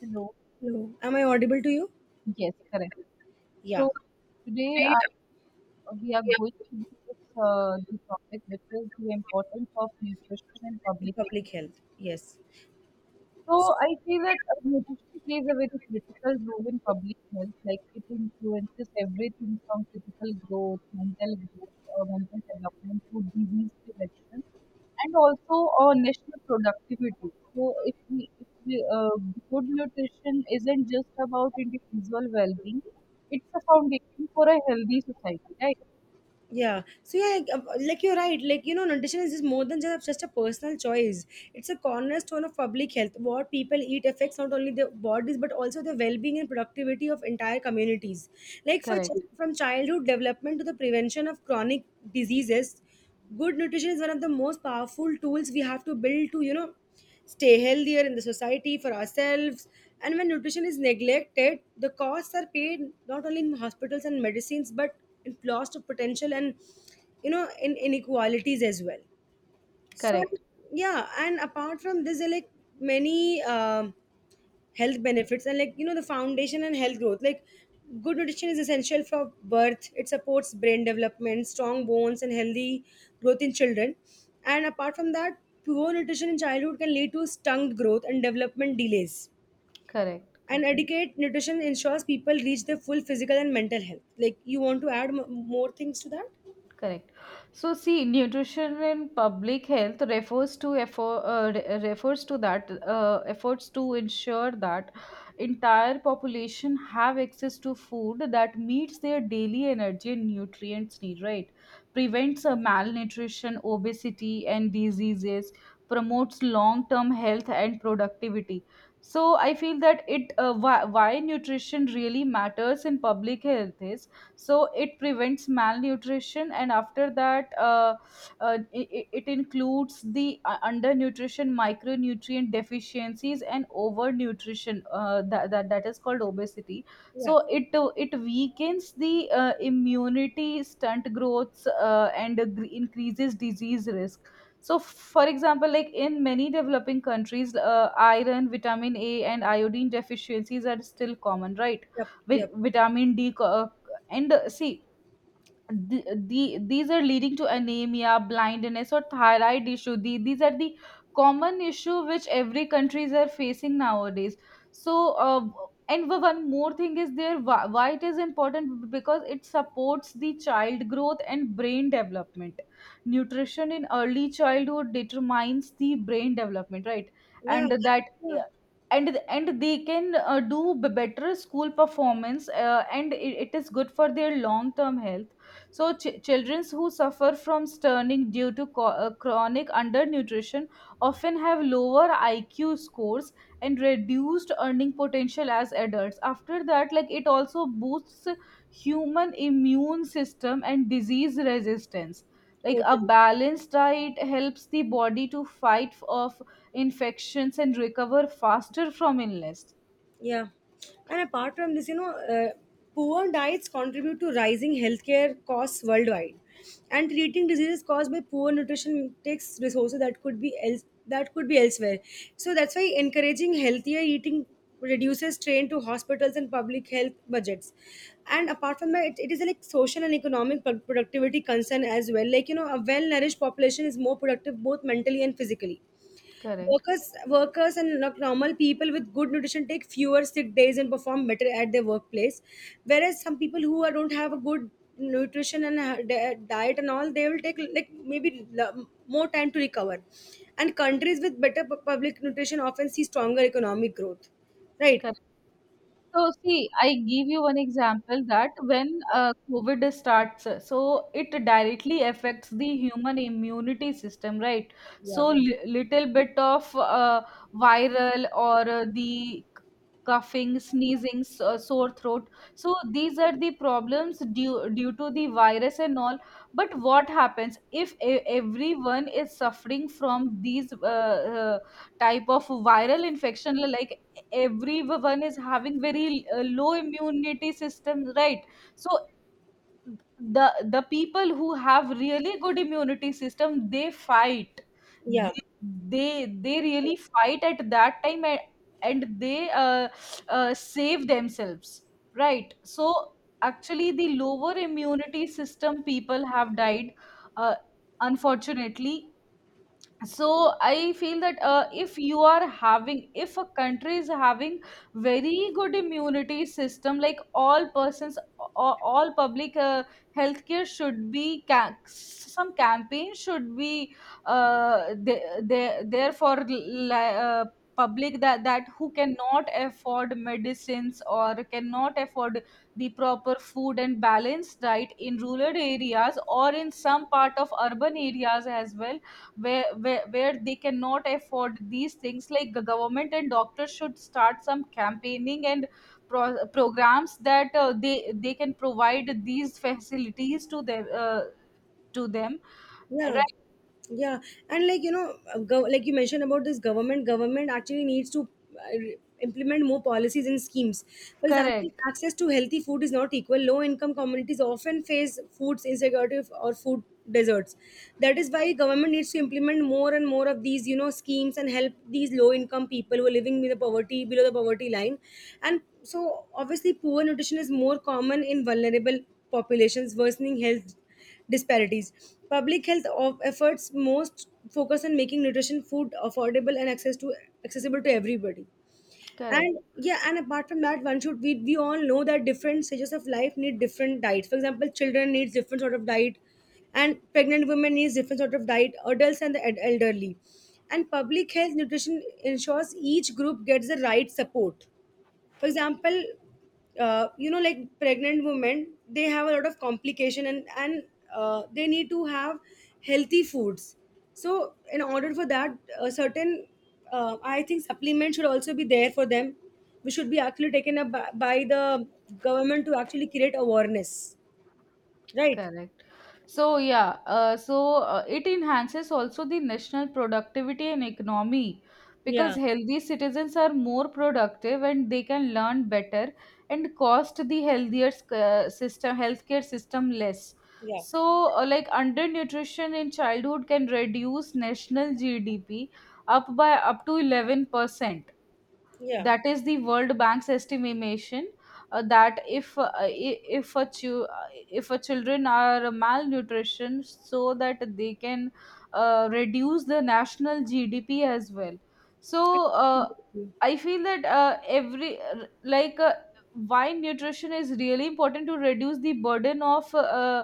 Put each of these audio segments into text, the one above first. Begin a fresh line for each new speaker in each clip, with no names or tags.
Hello.
Hello. Am I audible to you?
Yes, correct.
Yeah.
So today we are
Yeah.
going to discuss the topic, which is the importance of nutrition in public health.
Public health. Yes.
So I feel that nutrition plays a very critical role in public health. Like, it influences everything from physical growth, mental development, to disease prevention and also our national productivity. So if we good nutrition isn't just about individual well-being, it's a foundation for a healthy society, right?
Yeah. So yeah, like you're right. Nutrition is just more than just a personal choice. It's a cornerstone of public health. What people eat affects not only their bodies but also the well-being and productivity of entire communities. Like
Correct,
from childhood development to the prevention of chronic diseases, good nutrition is one of the most powerful tools we have to build to stay healthier in the society for ourselves. And when nutrition is neglected, the costs are paid not only in hospitals and medicines, but in loss of potential and in inequalities as well. So yeah, and apart from this, there are like many. Health benefits, and the foundation and health growth, like good nutrition is essential for birth. It supports brain development, strong bones and healthy growth in children. And apart from that, poor nutrition in childhood can lead to stunted growth and development delays,
correct,
and
correct.
adequate nutrition ensures people reach their full physical and mental health. Like you want to add more things to that?
Correct. So see, nutrition in public health refers to refers to that efforts to ensure that entire population have access to food that meets their daily energy and nutrients need. Right, prevents malnutrition, obesity, and diseases. Promotes long-term health and productivity. So I feel that why nutrition really matters in public health is, so it prevents malnutrition, and after it includes the undernutrition, micronutrient deficiencies, and overnutrition, that is called obesity.
Yeah.
So it weakens the immunity, stunt growths, and increases disease risk. So for example, like, in many developing countries, iron, vitamin A, and iodine deficiencies are still common, right?
Yep.
With
Yep.
vitamin D. And see, these are leading to anemia, blindness, or thyroid issue. These are the common issue which every countries are facing nowadays. So, and one more thing is there, why it is important, because it supports the child growth and brain development. Nutrition in early childhood determines the brain development, right?
Yeah,
And that,
yeah.
yeah, and they can better school performance, and it is good for their long term health. So, children who suffer from stunning due to chronic undernutrition often have lower IQ scores and reduced earning potential as adults. After that, like, it also boosts human immune system and disease resistance. Like a
Totally.
balanced diet helps the body to fight off infections and recover faster from illness.
Yeah. And apart from this, poor diets contribute to rising healthcare costs worldwide. And treating diseases caused by poor nutrition takes resources that could be else that could be elsewhere. So that's why encouraging healthier eating reduces strain to hospitals and public health budgets. And apart from that, it is a, like, social and economic productivity concern as well. A well nourished population is more productive both mentally and physically.
Correct.
Workers and normal people with good nutrition take fewer sick days and perform better at their workplace. Whereas some people who are, don't have a good nutrition and diet and all, they will take like maybe more time to recover. And countries with better public nutrition often see stronger economic growth. Right?
So see, I give you one example that when COVID starts, so it directly affects the human immunity system, right?
Yeah.
So little bit of viral, or the coughing, sneezing, sore throat. So these are the problems due to the virus and all. But what happens if everyone is suffering from these type of viral infection, like everyone is having very low immunity system, right? So the people who have really good immunity system, they fight,
Yeah.
they, they really fight at that time, and they save themselves, right? So actually the lower immunity system people have died, uh, unfortunately. So I feel that, if a country is having very good immunity system, like all persons, all public healthcare, should be some campaign should be there for public, that that who cannot afford medicines or cannot afford the proper food and balanced diet in rural areas, or in some part of urban areas as well, where, where they cannot afford these things, like the government and doctors should start some campaigning and programs that they can provide these facilities to them, to them.
Yeah.
Right,
Yeah. And like you mentioned about this, government actually needs to implement more policies and schemes. For example,
correct,
access to healthy food is not equal. Low income communities often face food insecurity or food deserts. That is why government needs to implement more and more of these, schemes, and help these low income people who are living with the poverty, below the poverty line. And so obviously poor nutrition is more common in vulnerable populations, worsening health disparities. Public health of efforts most focus on making nutrition food affordable and access to accessible to everybody.
correct.
And yeah, and apart from that, one should, we all know that different stages of life need different diets. For example, children needs different sort of diet, and pregnant women needs different sort of diet. Adults and the elderly, and public health nutrition ensures each group gets the right support. For example, like pregnant women, they have a lot of complication, and they need to have healthy foods. So in order for that, a certain, I think, supplement should also be there for them, which should be actually taken up by, the government, to actually create awareness. Right?
Correct. So yeah, it enhances also the national productivity and economy, because
Yeah.
healthy citizens are more productive and they can learn better, and cost the healthier sc- system healthcare system less.
Yeah.
So like undernutrition in childhood can reduce national GDP up by up to 11%.
Yeah.
That is the world bank's estimation, that if if a if a children are malnutrition, so that they can reduce the national GDP as well. So
I
uh, I feel that every like why nutrition is really important to reduce the burden of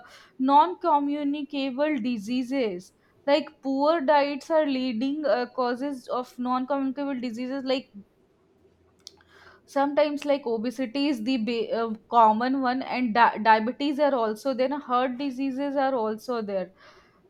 non-communicable diseases. Like, poor diets are leading causes of non-communicable diseases. Like sometimes, like, obesity is the common one, and diabetes are also there, heart diseases are also there.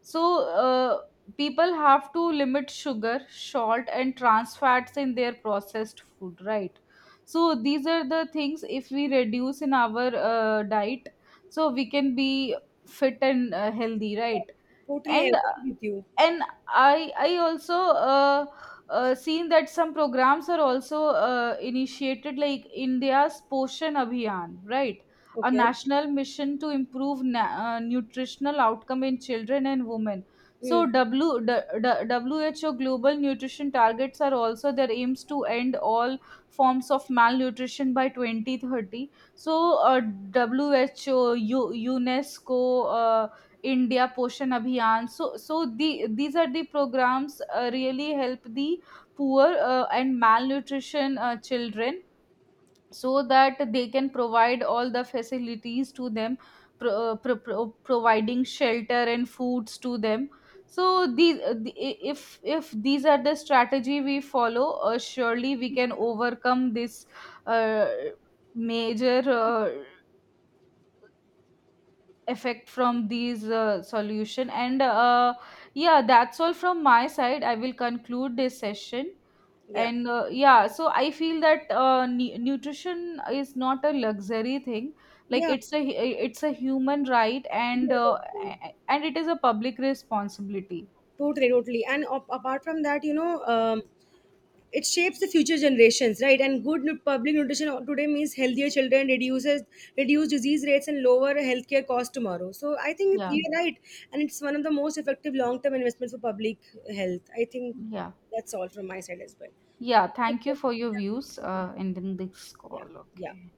So people have to limit sugar, salt, and trans fats in their processed food, right? So these are the things, if we reduce in our diet, so we can be fit and healthy, right?
totally I
and
agree with you.
and I also uh, seen that some programs are also initiated, like India's Poshan Abhiyan, right? A
Okay.
national mission to improve nutritional outcome in children and women. So,
Mm.
w d- d- who global nutrition targets are also their aims to end all forms of malnutrition by 2030. So uh, WHO, UNESCO, uh, India Poshan Abhiyan. So these are the programs really help the poor and malnutrition children, so that they can provide all the facilities to them, providing shelter and foods to them. So these, if these are the strategy we follow, surely we can overcome this uh, major effect from these solution. And yeah, that's all from my side, I will conclude this session.
Yeah.
And yeah, so I feel that nutrition is not a luxury thing, like
Yeah.
it's a, it's a human right, and
Yeah. Okay.
and it is a public responsibility.
Totally, totally. And apart from that, it shapes the future generations, right? And good public nutrition today means healthier children, reduce disease rates and lower healthcare costs tomorrow. So I think
Yeah,
you're right, and it's one of the most effective long-term investments for public health. I think
yeah.
that's all from my side as well.
Yeah, thank you
Okay.
for your views
Yeah.
in this
Yeah.
call.
Yeah.
Okay.